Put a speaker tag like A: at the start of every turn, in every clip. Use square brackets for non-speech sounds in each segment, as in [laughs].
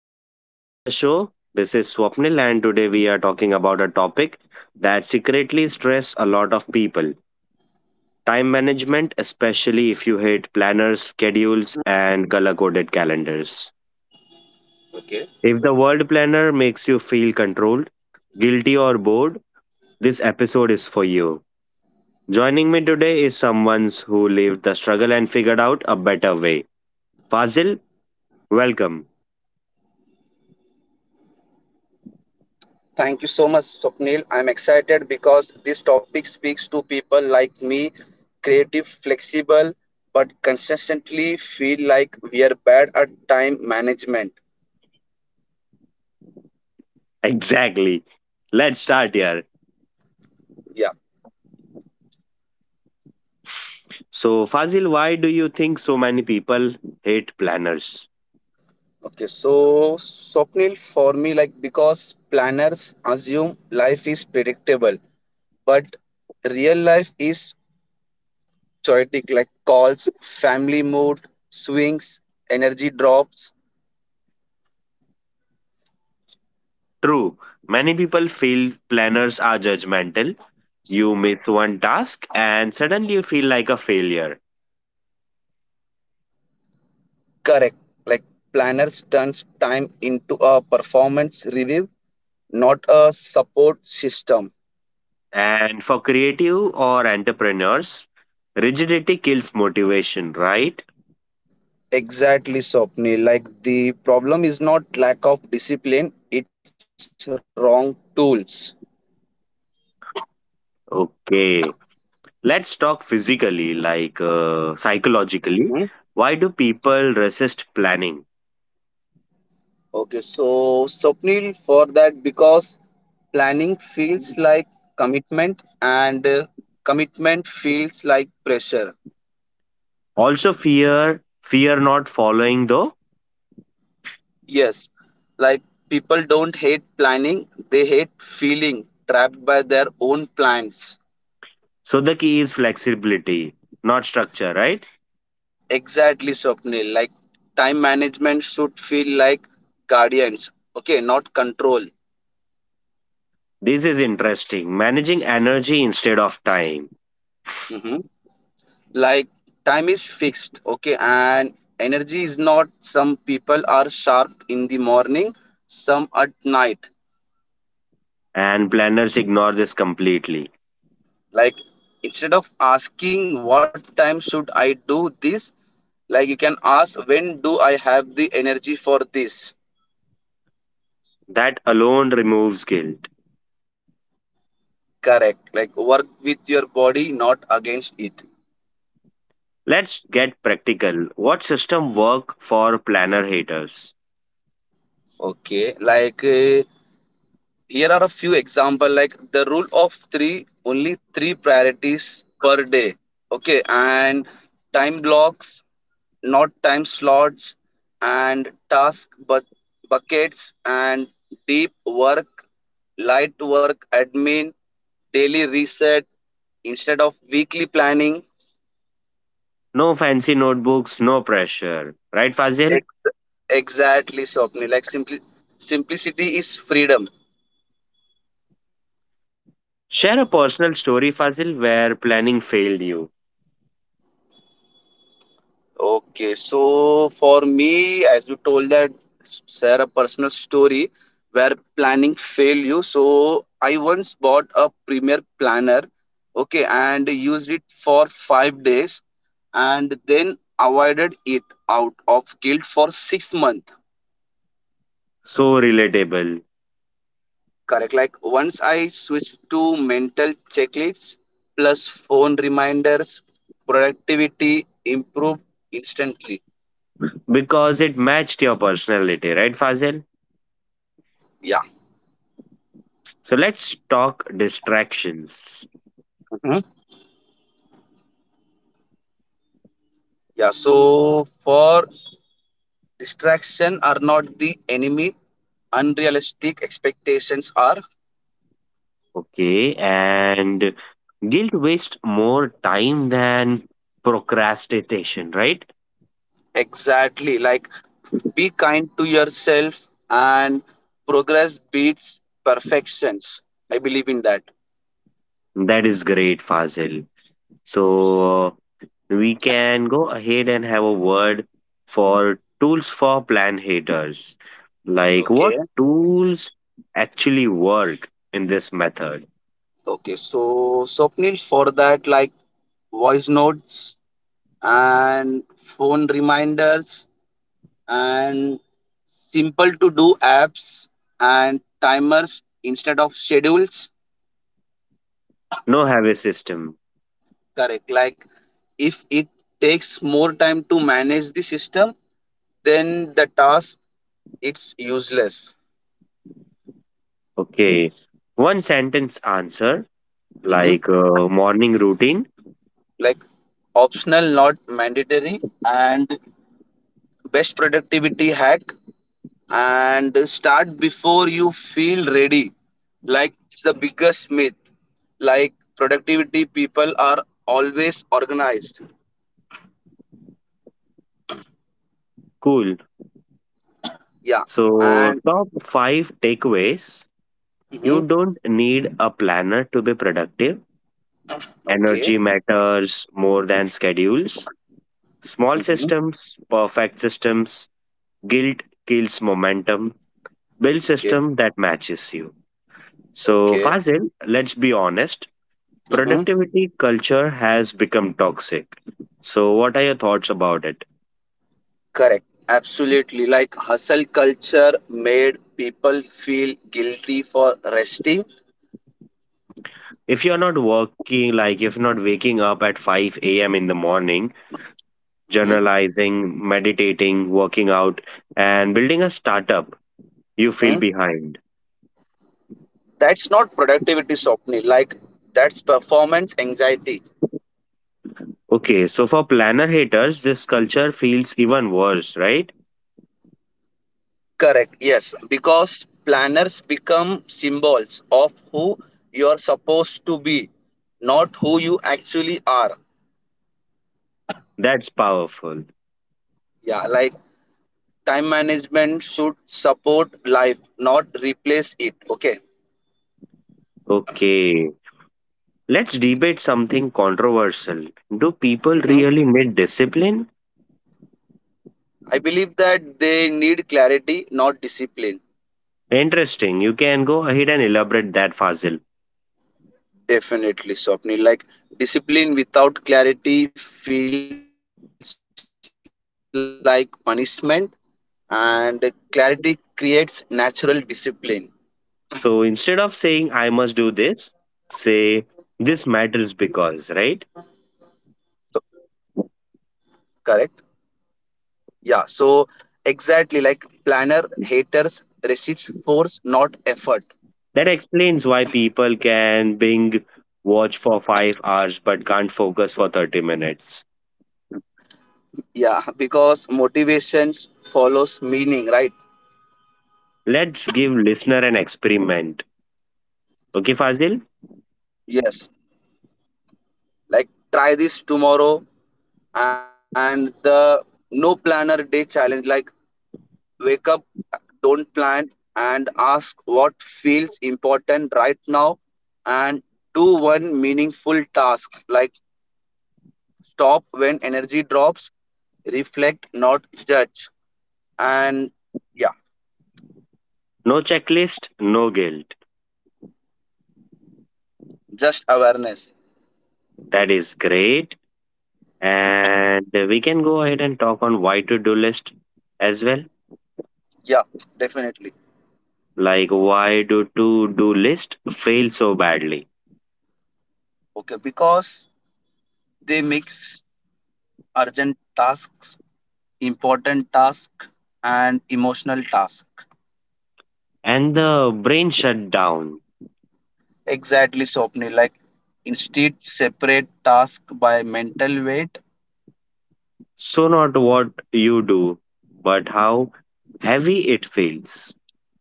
A: Welcome back to the show. This is Swapnil, and today we are talking about a topic that secretly stress a lot of people time management, especially if you hate planners, schedules,
B: Hmm?
A: and color coded calendars.
B: Okay.
A: If the world planner makes you feel controlled, guilty, or bored, this episode is for you. Joining me today is someone who lived the struggle and figured out a better way. Fazil, welcome.
B: Thank you so much, Swapnil. I'm excited because this topic speaks to people like me, creative, flexible, but consistently feel like we are bad at time management.
A: Exactly. Let's start here.
B: Yeah.
A: So, Fazil, why do you think so many people hate planners?
B: Okay. So, Swapnil, for me, like because planners assume life is predictable, but real life is chaotic, like calls, family mood, swings, energy drops.
A: True, many people feel planners are judgmental. You miss one task and suddenly you feel like a failure.
B: Correct. Like planners turns time into a performance review, not a support system.
A: And for creative or entrepreneurs, rigidity kills motivation, right?
B: Exactly, Swapnil. Like the problem is not lack of discipline, it's wrong tools.
A: Okay, let's talk physically, like
B: Mhm.
A: psychologically. Why do people resist planning?
B: Okay, so Swapnil, for that, because planning feels like commitment and commitment feels like pressure.
A: Also, fear not following the.
B: Yes, like people don't hate planning, they hate feeling trapped by their own plans.
A: So the key is flexibility, not structure, right?
B: Exactly, Swapnil. Like time management should feel like guardians, okay, not control.
A: This is interesting. Managing energy instead of time.
B: Hmm. Like time is fixed, okay, and energy is not. Some people are sharp in the morning, some at night,
A: And planners ignore this completely.
B: like instead of asking what time should I do this, like you can ask when do I have the energy for this.
A: That alone removes guilt.
B: Correct, like work with your body, not against it.
A: Let's get practical. What system work for planner haters?
B: Okay, like here are a few example, like the rule of 3, only 3 priorities per day, okay, and time blocks, not time slots, and task buckets, and deep work, light work admin, daily reset instead of weekly planning.
A: No fancy notebooks, no pressure. Right, Fazil?
B: Ex- Exactly, Swapni. Like simply, simplicity is freedom.
A: Share a personal story, Fazil, where planning failed you.
B: Okay, so for me, as you told that, share a personal story where planning failed you. So I once bought a Premier Planner, okay, and used it for 5 days, and then avoided it out of guilt for 6 months.
A: So relatable
B: Correct. Like once I switched to mental checklists plus phone reminders, productivity improved instantly.
A: because it matched your personality, right, Fazil?
B: Yeah.
A: So let's talk distractions.
B: Yeah, so for distraction are not the enemy. Unrealistic expectations are,
A: Okay, and guilt wastes more time than procrastination, right?
B: exactly, like be kind to yourself and progress beats perfections. I believe in that.
A: That is great, Fazil. So uh, we can go ahead and have a word for tools for plan haters. Like what
B: Okay.
A: tools actually work in this method?
B: Okay. So Swapnil, for that, like voice notes and phone reminders and simple to do apps and timers instead of schedules.
A: No have a system.
B: Correct, like if it takes more time to manage the system then the task, it's useless.
A: Okay. One sentence answer,
B: Mhm.
A: like morning routine.
B: Like optional, not mandatory, and best productivity hack, and start before you feel ready, like it's the biggest myth, like productivity people are always organized.
A: Cool.
B: Yeah.
A: So,
B: And
A: top five takeaways.
B: mhm.
A: You don't need a planner to be productive.
B: Okay.
A: Energy matters more than schedules. Small
B: Mhm.
A: systems, perfect systems, guilt kills momentum. Build
B: Okay.
A: system that matches you. So,
B: Okay.
A: Fazil, let's be honest.
B: Mhm.
A: Productivity culture has become toxic. So, what are your thoughts about it?
B: Correct. Absolutely. Like hustle culture made people feel guilty for resting.
A: If you're not working, like if not waking up at 5 a.m. in the morning,
B: Mhm,
A: journalizing, meditating, working out, and building a startup. You feel
B: mhm.
A: behind.
B: That's not productivity, Swapni. Like that's performance anxiety.
A: Okay, so for planner haters, this culture feels even worse, right?
B: Correct. Yes. Because planners become symbols of who you are supposed to be, not who you actually are.
A: That's powerful.
B: Yeah. Like time management should support life, not replace it. Okay.
A: Okay, let's debate something controversial. Do people
B: Mm-hmm.
A: really need discipline?
B: I believe that they need clarity, not discipline.
A: Interesting. You can go ahead and elaborate that, Fazil.
B: Definitely, Swapnil. Like discipline without clarity feels like punishment, and clarity creates natural discipline.
A: So instead of saying, I must do this, say, this matters because,
B: So
A: right?
B: correct. Yeah. So exactly, like planner haters resist force, not effort.
A: That explains why people can bing watch for 5 hours but can't focus for 30 minutes.
B: Yeah, because motivations follows meaning, right?
A: Let's give listener an experiment. Okay, Fazil?
B: Yes. Like try this tomorrow, and the no planner day challenge. Like wake up, don't plan, and ask what feels important right now, and do one meaningful task, like stop when energy drops, reflect, not judge. And yeah,
A: No checklist, no guilt.
B: just awareness.
A: That is great. And we can go ahead and talk on why to do list as well.
B: Yeah, definitely.
A: Like why do to do list fail so badly?
B: Okay, because they mix urgent tasks, important task, and emotional task.
A: And the brain shut down.
B: Exactly, Swapni. Like instead, separate task by mental weight,
A: So not what you do, but how heavy it feels.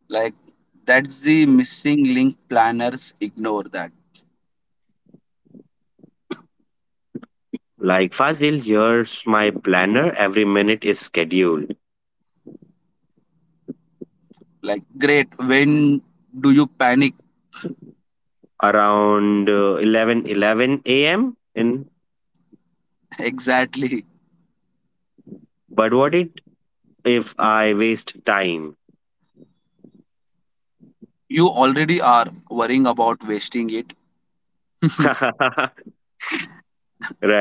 B: like that's the missing link planners ignore that.
A: Like Fazil, here's my planner. Every minute is scheduled
B: Like great, when do you panic
A: around 11 a.m in.
B: [laughs] exactly,
A: But what it if I waste time?
B: you already are worrying about wasting it.
A: [laughs]
B: [laughs]
A: Right.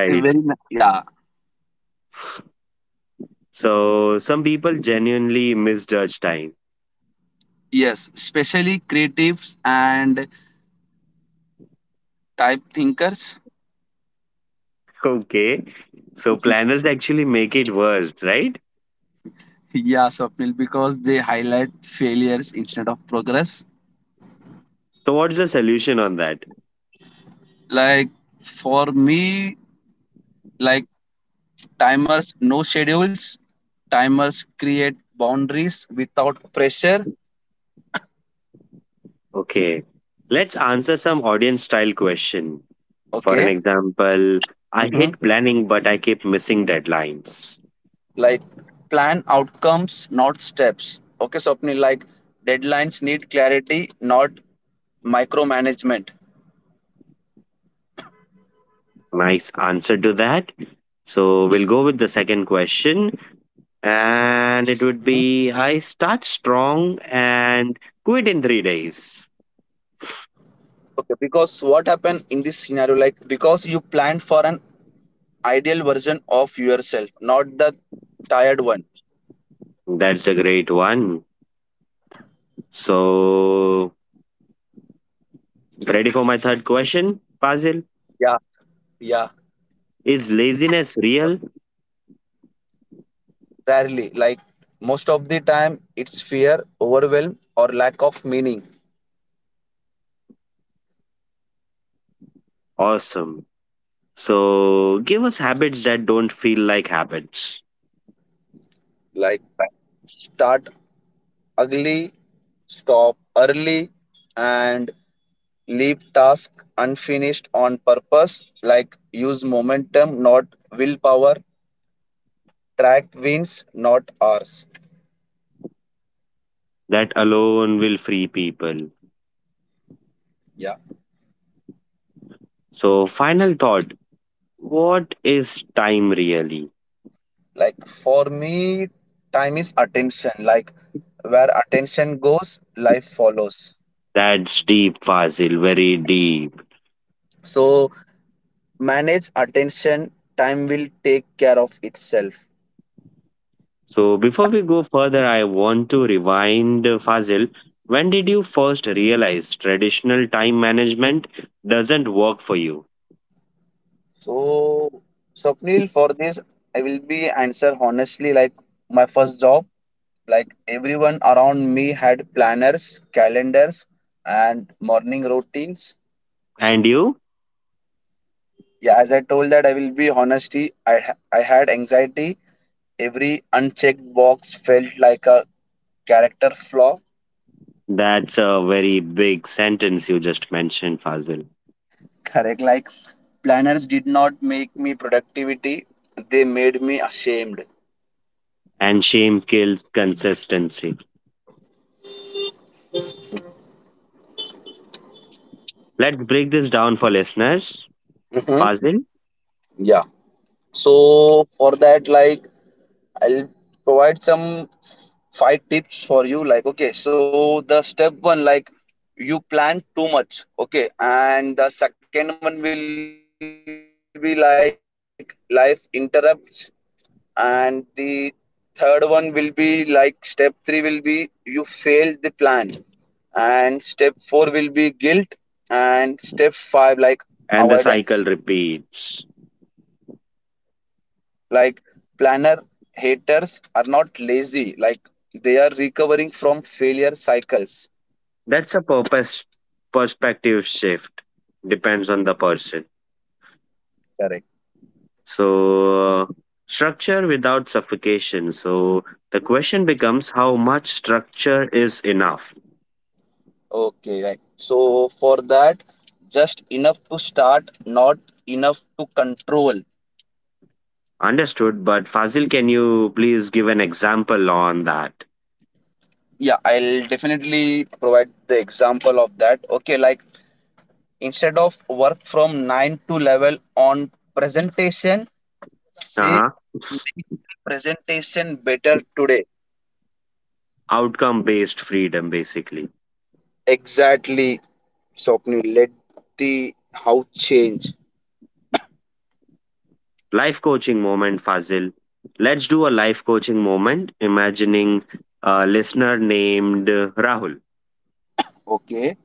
B: Yeah.
A: So some people genuinely misjudge time. [laughs]
B: Yes, especially creatives and type thinkers. [laughs]
A: Okay. So
B: Mhm.
A: planners actually make it worse, right?
B: Yeah, Swapnil, because they highlight failures instead of progress.
A: So what's the solution on that?
B: Like for me, like timers no schedules, timers create boundaries without pressure.
A: Okay. Let's answer some audience style question. For an
B: Okay.
A: example, I
B: Hmm.
A: hate planning but I keep missing deadlines.
B: Like plan outcomes, not steps. Okay, Swapnil, like deadlines need clarity, not micromanagement.
A: Nice answer to that. So we'll go with the second question.
B: Mhm.
A: And it would be I start strong and quit in 3 days.
B: Okay, because what happened in this scenario, like because you planned for an ideal version of yourself, not the tired one.
A: That's a great one. So, ready for my third question, Fazil?
B: Yeah,
A: Is laziness real?
B: rarely. Like most of the time, it's fear, overwhelm, or lack of meaning.
A: Awesome. So, give us habits that don't feel like habits.
B: Like start ugly, stop early, and leave tasks unfinished on purpose, like use momentum, not willpower, track wins, not hours.
A: That alone will free people.
B: Yeah.
A: So, final thought, what is time really?
B: Like for me, time is attention. Like where attention goes, life follows.
A: That's deep, Fazil, very deep.
B: So manage attention, time will take care of itself.
A: So before we go further, I want to rewind, Fazil. When did you first realize traditional time management doesn't work for you?
B: So Swapnil, for this, I will be answer honestly. Like my first job, like everyone around me had planners, calendars, and morning routines.
A: And you?
B: Yeah, as I told that I will be honesty, I had anxiety. Every unchecked box felt like a character flaw.
A: That's a very big sentence you just mentioned, Fazil.
B: [laughs] Correct. Like planners did not make me productivity; they made me ashamed.
A: And shame kills consistency. Let's break this down for listeners,
B: Hmm.
A: Fazil.
B: Yeah. So for that, like I'll provide some five tips for you. Like, okay, so the step one, like, you plan too much, okay, and the second one will be like life interrupts, and the third one will be like step three will be you failed the plan, and step four will be guilt, and step five, like avoidance.
A: And the cycle repeats.
B: Like planner haters are not lazy, like they are recovering from failure cycles.
A: That's a purpose perspective shift. Depends on the person.
B: Correct.
A: So, uh, structure without suffocation. So, the question becomes how much structure is enough?
B: Okay, right, so for that, just enough to start, not enough to control.
A: Understood, but Fazil, can you please give an example on that?
B: Yeah, I'll definitely provide the example of that. Okay, like instead of work from 9 to level on presentation,
A: Uh
B: say
A: huh.
B: make the presentation better today.
A: Outcome based freedom, basically.
B: Exactly, Swapnil. Let the house change.
A: Life coaching moment, Fazil. Let's do a life coaching moment, imagining a listener named Rahul.
B: Okay.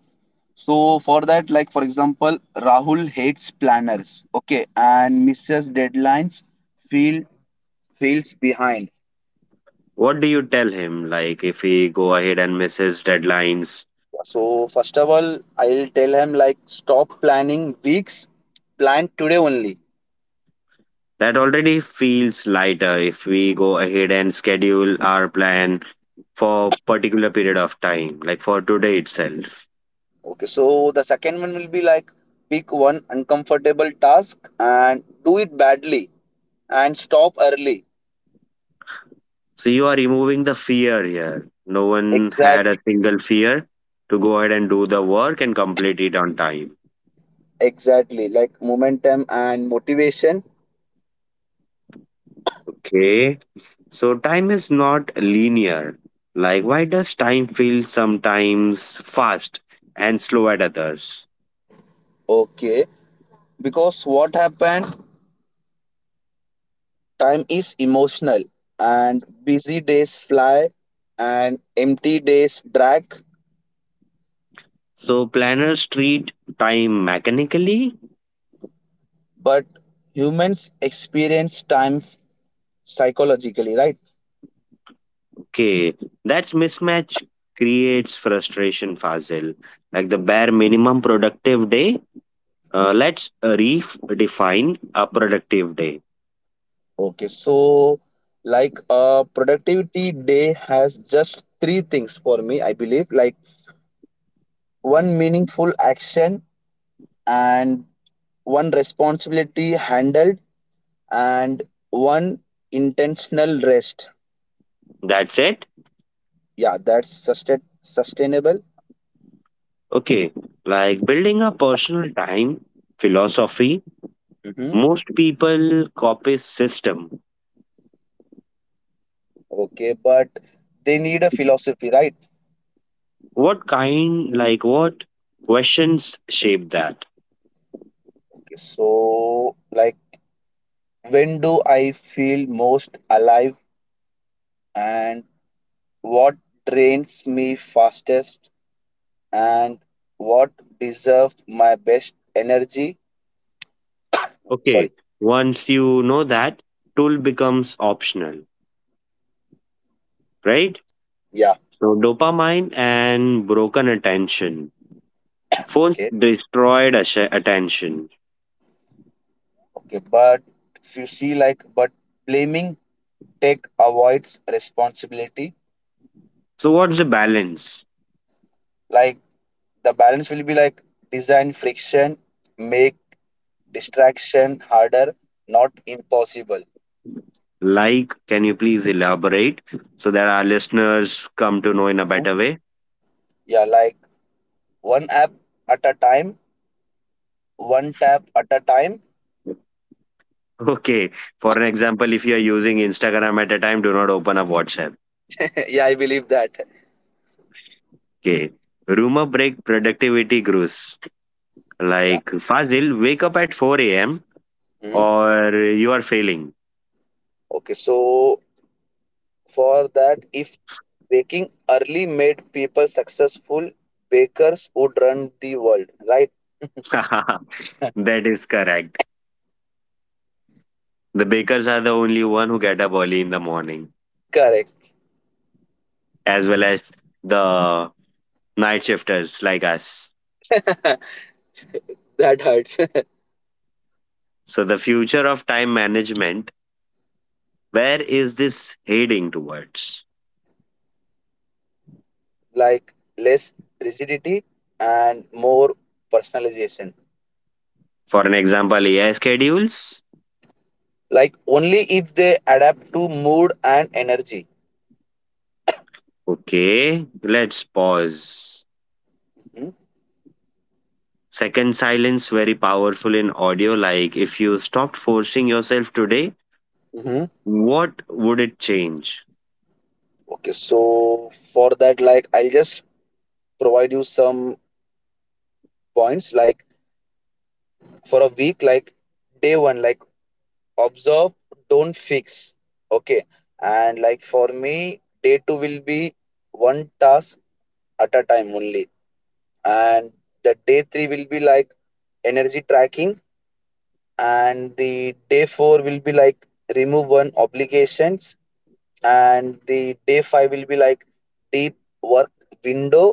B: So for that, like for example, Rahul hates planners. Okay, and misses deadlines. Feel Feels behind.
A: What do you tell him? Like, if he go ahead and misses deadlines,
B: So first of all, I'll tell him like stop planning weeks, plan today only.
A: that already feels lighter if we go ahead and schedule our plan for particular period of time, like for today itself.
B: Okay, so the second one will be like pick one uncomfortable task and do it badly and stop early.
A: So you are removing the fear here. No one had a
B: Exactly.
A: single fear to go ahead and do the work and complete it on time.
B: Exactly, like momentum and motivation.
A: Okay. So time is not linear. Like why does time feel sometimes fast and slow at others?
B: Okay, because what happened? Time is emotional, and busy days fly, and empty days drag.
A: So planners treat time mechanically.
B: But humans experience time psychologically, right?
A: Okay, that mismatch creates frustration, Fazil. Like the bare minimum productive day, let's redefine a productive day.
B: Okay, so like a productivity day has just three things for me, I believe, like one meaningful action, and one responsibility handled, and one intentional rest.
A: That's it.
B: Yeah, that's sustainable.
A: Okay, like building a personal time philosophy.
B: Mm-hmm.
A: Most people copy system.
B: Okay, but they need a philosophy, right?
A: What kind, like what questions shape that?
B: Okay, so like when do I feel most alive, and what drains me fastest, and what deserves my best energy?
A: Okay,
B: Sorry,
A: once you know that, tool becomes optional, right?
B: yeah,
A: So dopamine and broken attention. Phones
B: okay,
A: destroyed attention.
B: okay, but if you see like, but blaming tech avoids responsibility,
A: So, what's the balance?
B: like the balance will be like design friction, make distraction harder, not impossible.
A: Like, can you please elaborate so that our listeners come to know in a better
B: Yes.
A: way? [laughs]
B: Yeah, like one app at a time, one tap at a time.
A: Okay. For an example, if you are using Instagram at a time, do not open up WhatsApp.
B: [laughs] Yeah, I believe that.
A: Okay. Rumor break productivity grows.
B: Yeah.
A: Like, Fazil, wake up at 4 a.m.
B: Mhm.
A: or you are failing.
B: Okay, so for that, if baking early made people successful, bakers would run the world, right?
A: [laughs] That is correct. The bakers are the only one who get up early in the morning,
B: Correct.
A: as well as the night shifters like us.
B: [laughs] That hurts. [laughs]
A: So, the future of time management, where is this heading towards?
B: Like less rigidity and more personalization.
A: For an example, AI schedules.
B: Like only if they adapt to mood and energy.
A: Okay, let's pause.
B: Hmm.
A: Second, silence very powerful in audio. Like if you stopped forcing yourself today,
B: Hmm.
A: what would it change?
B: Okay, so for that, like I'll just provide you some points, like for a week, like day one, like observe, don't fix, okay, and like for me day two will be one task at a time only, and the day three will be like energy tracking, and the day four will be like remove one obligations, and the day 5 will be like deep work window,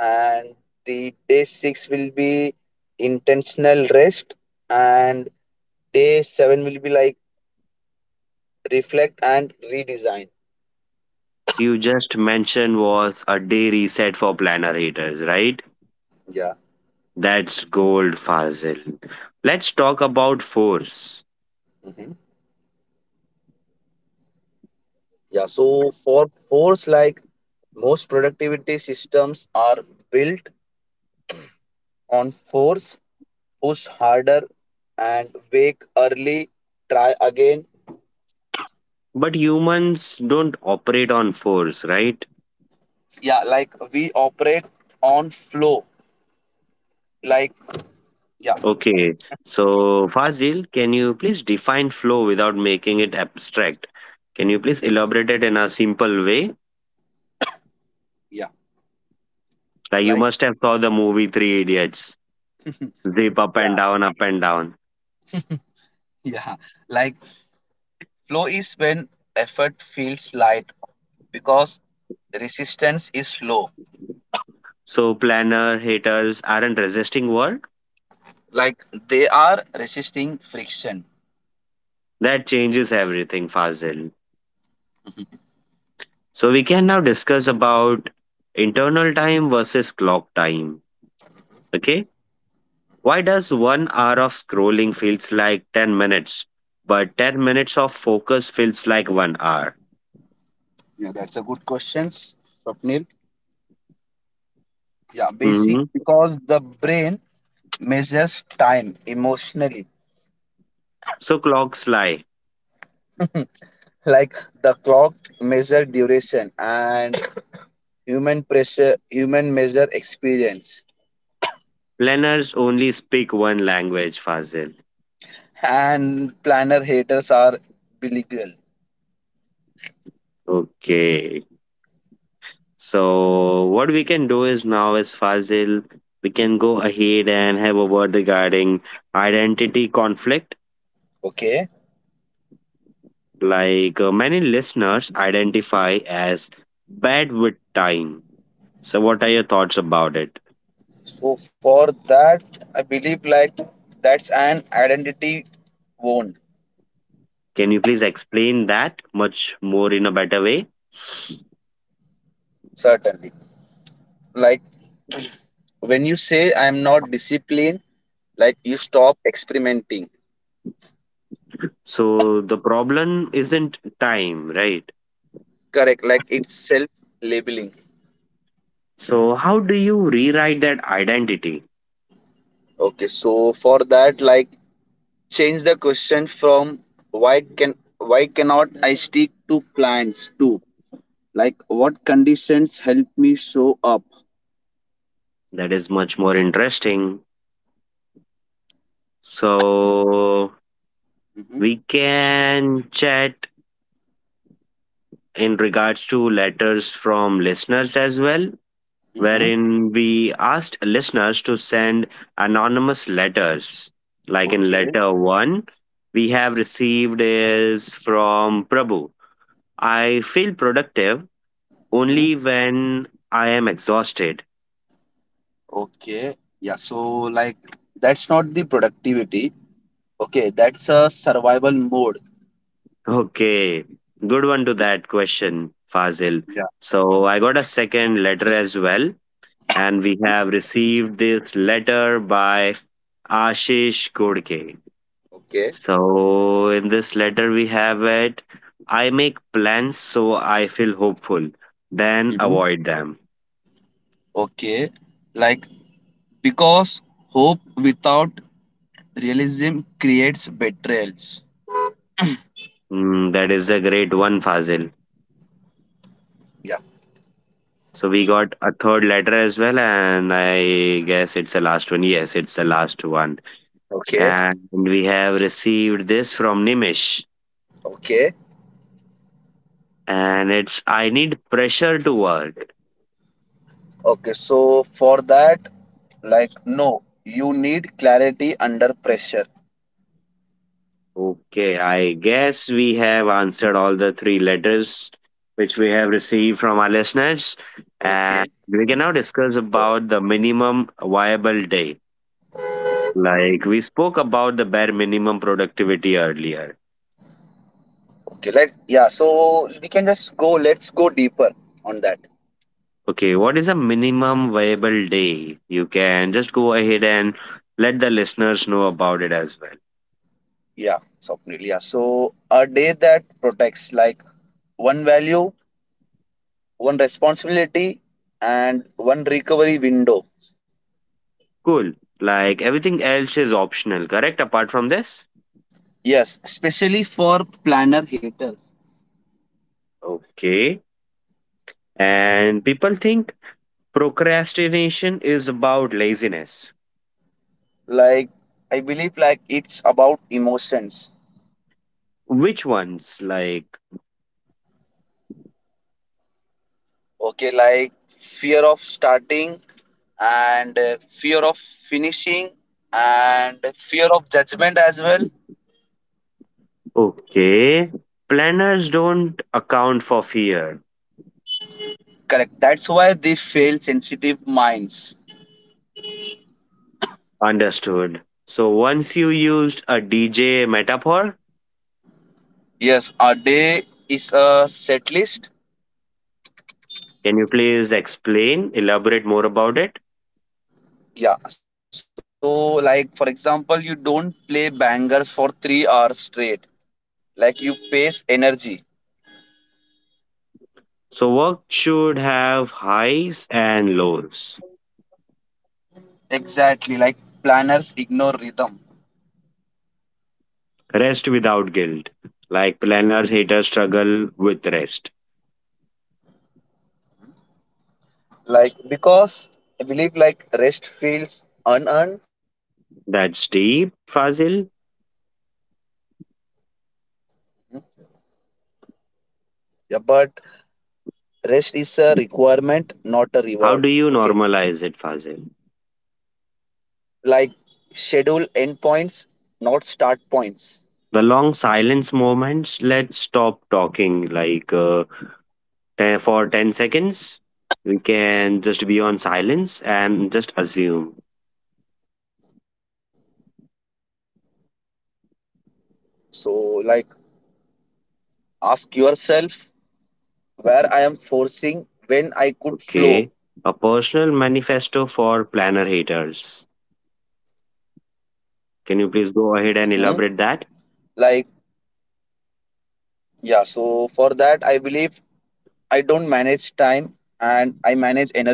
B: and the day 6 will be intentional rest, and day 7 will be like reflect and redesign.
A: So you just mentioned was a day reset for planner haters, right?
B: Yeah.
A: That's gold, Fazil. Let's talk about force.
B: Hmm. Yeah, so for force, like most productivity systems are built on force, push harder, and wake early, try again.
A: But humans don't operate on force, right?
B: Yeah, like we operate on flow, like yeah.
A: Okay, so Fazil, can you please define flow without making it abstract? Can you please elaborate it in a simple way?
B: Yeah,
A: Like you
B: like
A: must have saw the movie Three Idiots, zip up
B: yeah.
A: and down, up and down.
B: [laughs] Yeah, like flow is when effort feels light because resistance is low.
A: So planner haters aren't resisting work.
B: Like they are resisting friction.
A: That changes everything, Fazil.
B: Mhm.
A: So we can now discuss about internal time versus clock time. Okay. Why does 1 hour of scrolling feels like 10 minutes, but 10 minutes of focus feels like one hour?
B: Yeah, that's a good question, Swapnil. Yeah, basic
A: hmm
B: because the brain measures time emotionally.
A: So clocks lie.
B: Like the clock measure duration, and human pressure human measure experience.
A: Planners only speak one language, Fazil.
B: And planner haters are bilingual.
A: Okay. So what we can do is now is Fazil, we can go ahead and have a word regarding identity conflict.
B: Okay.
A: Like many listeners identify as bad with time. So what are your thoughts about it?
B: So for that, I believe like that's an identity wound,
A: Can you please explain that much more in a better way?
B: certainly. Like when you say I'm not disciplined, like you stop experimenting.
A: So, the problem isn't time, right?
B: Correct. Like it's self labeling.
A: So, how do you rewrite that identity?
B: Okay. So for that, like change the question from why can, why cannot I stick to plans, to like what conditions help me show up?
A: That is much more interesting. So,
B: Mm-hmm.
A: we can chat in regards to letters from listeners as well,
B: Mm-hmm.
A: wherein we asked listeners to send anonymous letters. Like in
B: Okay.
A: letter one, we have received is from Prabhu: I feel productive
B: Mhm.
A: only when I am exhausted.
B: Okay, yeah, so like that's not the productivity. Okay, that's a survival mode.
A: Okay, good one to that question, Fazil.
B: Yeah.
A: So I got a second letter as well, and we have received this letter by Ashish Kodke.
B: Okay.
A: So in this letter, we have it: I make plans so I feel hopeful, then
B: Hmm.
A: avoid them.
B: Okay, like because hope without realism creates betrayals.
A: Mm, that is a great one, Fazil.
B: Yeah.
A: So we got a third letter as well, and I guess it's the last one. Yes, it's the last one.
B: Okay.
A: And we have received this from Nimish.
B: Okay.
A: And it's: I need pressure to work.
B: Okay. So for that, like no, you need clarity under pressure.
A: Okay, I guess we have answered all the three letters which we have received from our listeners.
B: Okay.
A: And we can now discuss about the minimum viable day. Like we spoke about the bare minimum productivity earlier.
B: Okay. Let yeah. So we can just go. Let's go deeper on that.
A: Okay, what is a minimum viable day? You can just go ahead and let the listeners know about it as well.
B: Yeah, Swapnil. Yeah. So a day that protects like one value, one responsibility, and one recovery window.
A: Cool. Like everything else is optional, correct? Apart from this?
B: Yes, especially for planner haters.
A: Okay. And people think procrastination is about laziness.
B: Like I believe like it's about emotions.
A: Which ones? Like,
B: Okay, like fear of starting, and fear of finishing, and fear of judgment as well.
A: okay. Planners don't account for fear.
B: Correct. That's why they fail sensitive minds.
A: Understood. So once you used a DJ metaphor,
B: Yes, a day is a set list.
A: can you please explain, elaborate more about it?
B: Yeah, so like for example, you don't play bangers for 3 hours straight. Like you pace energy.
A: So work should have highs and lows.
B: Exactly. Like planners ignore rhythm.
A: Rest without guilt. Like planners haters struggle with rest.
B: Like because I believe like rest feels unearned.
A: That's deep, Fazil.
B: Yeah, but rest is a requirement, not a reward. Okay.
A: How do you normalize it, Fazil?
B: Like schedule endpoints, not start points.
A: The long silence moments. Let's stop talking like for 10 seconds. We can just be on silence and just assume.
B: So like ask yourself where I am forcing when I could flow.
A: Okay. A personal manifesto for planner haters.
B: Hmm.
A: Can you please
B: Like
A: go ahead and elaborate that?
B: yeah, so for that, I believe I don't manage time, and I manage energy,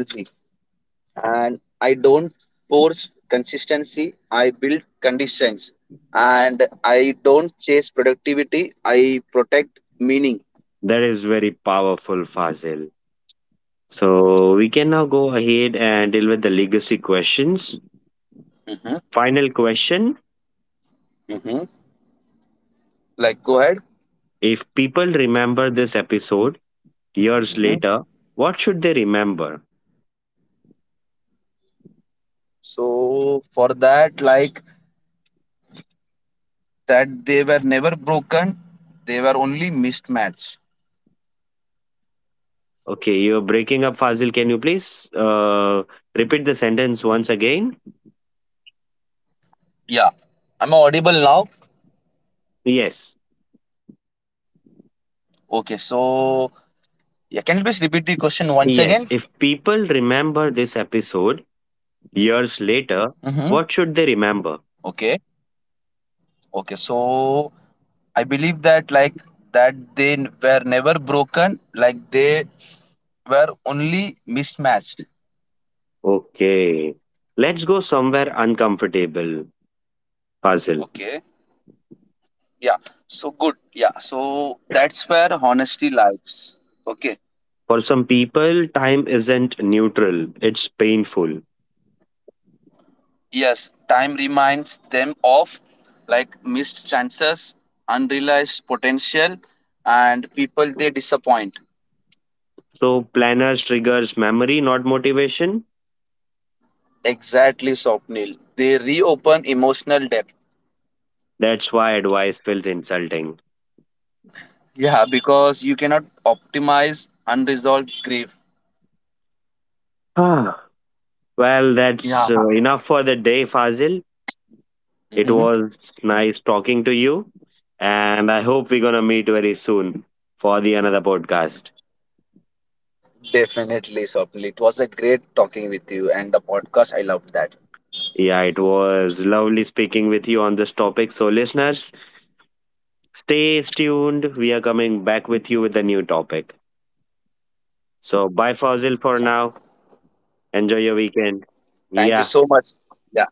B: and I don't force consistency. I build conditions, and I don't chase productivity. I protect meaning.
A: That is very powerful, Fazil. So we can now go ahead and deal with the legacy questions.
B: Hmm.
A: Final question:
B: Hmm. Like, go ahead.
A: If people remember this episode years later,
B: Hmm.
A: what should they remember?
B: So for that, like that, they were never broken. They were only mismatched.
A: Okay, you're breaking up, Fazil. Can you please repeat the sentence once again?
B: Yeah, I'm audible now.
A: Yes.
B: Okay, so yeah, can you please repeat the question once
A: Yes.
B: again?
A: If people remember this episode years later,
B: Mm-hmm.
A: what should they remember?
B: Okay. Okay. So I believe that like that were never broken, like they were only mismatched.
A: Okay. Let's go somewhere uncomfortable, Fazil.
B: Okay. Yeah. So good. Yeah. So that's where honesty lives. Okay.
A: For some people, time isn't neutral, it's painful.
B: Yes. Time reminds them of like missed chances, unrealized potential, and people they disappoint.
A: So, planners triggers memory, not motivation.
B: Exactly, Sopnil. They reopen emotional depth.
A: That's why advice feels insulting.
B: Yeah, because you cannot optimize unresolved grief.
A: Ah. Well, that's
B: Yeah.
A: enough for the day, Fazil. It
B: Hmm.
A: was nice talking to you. And I hope we're going to meet very soon for the another podcast.
B: Definitely, Swapnil. It was a great talking with you and the podcast. I loved that.
A: Yeah, it was lovely speaking with you on this topic. So, listeners, stay tuned. We are coming back with you with a new topic.
B: Yeah.
A: So, bye, Fazil, for now. Enjoy
B: Thank
A: your
B: you so
A: weekend.
B: much. Yeah.
A: Yeah.
B: Bye for now. Bye.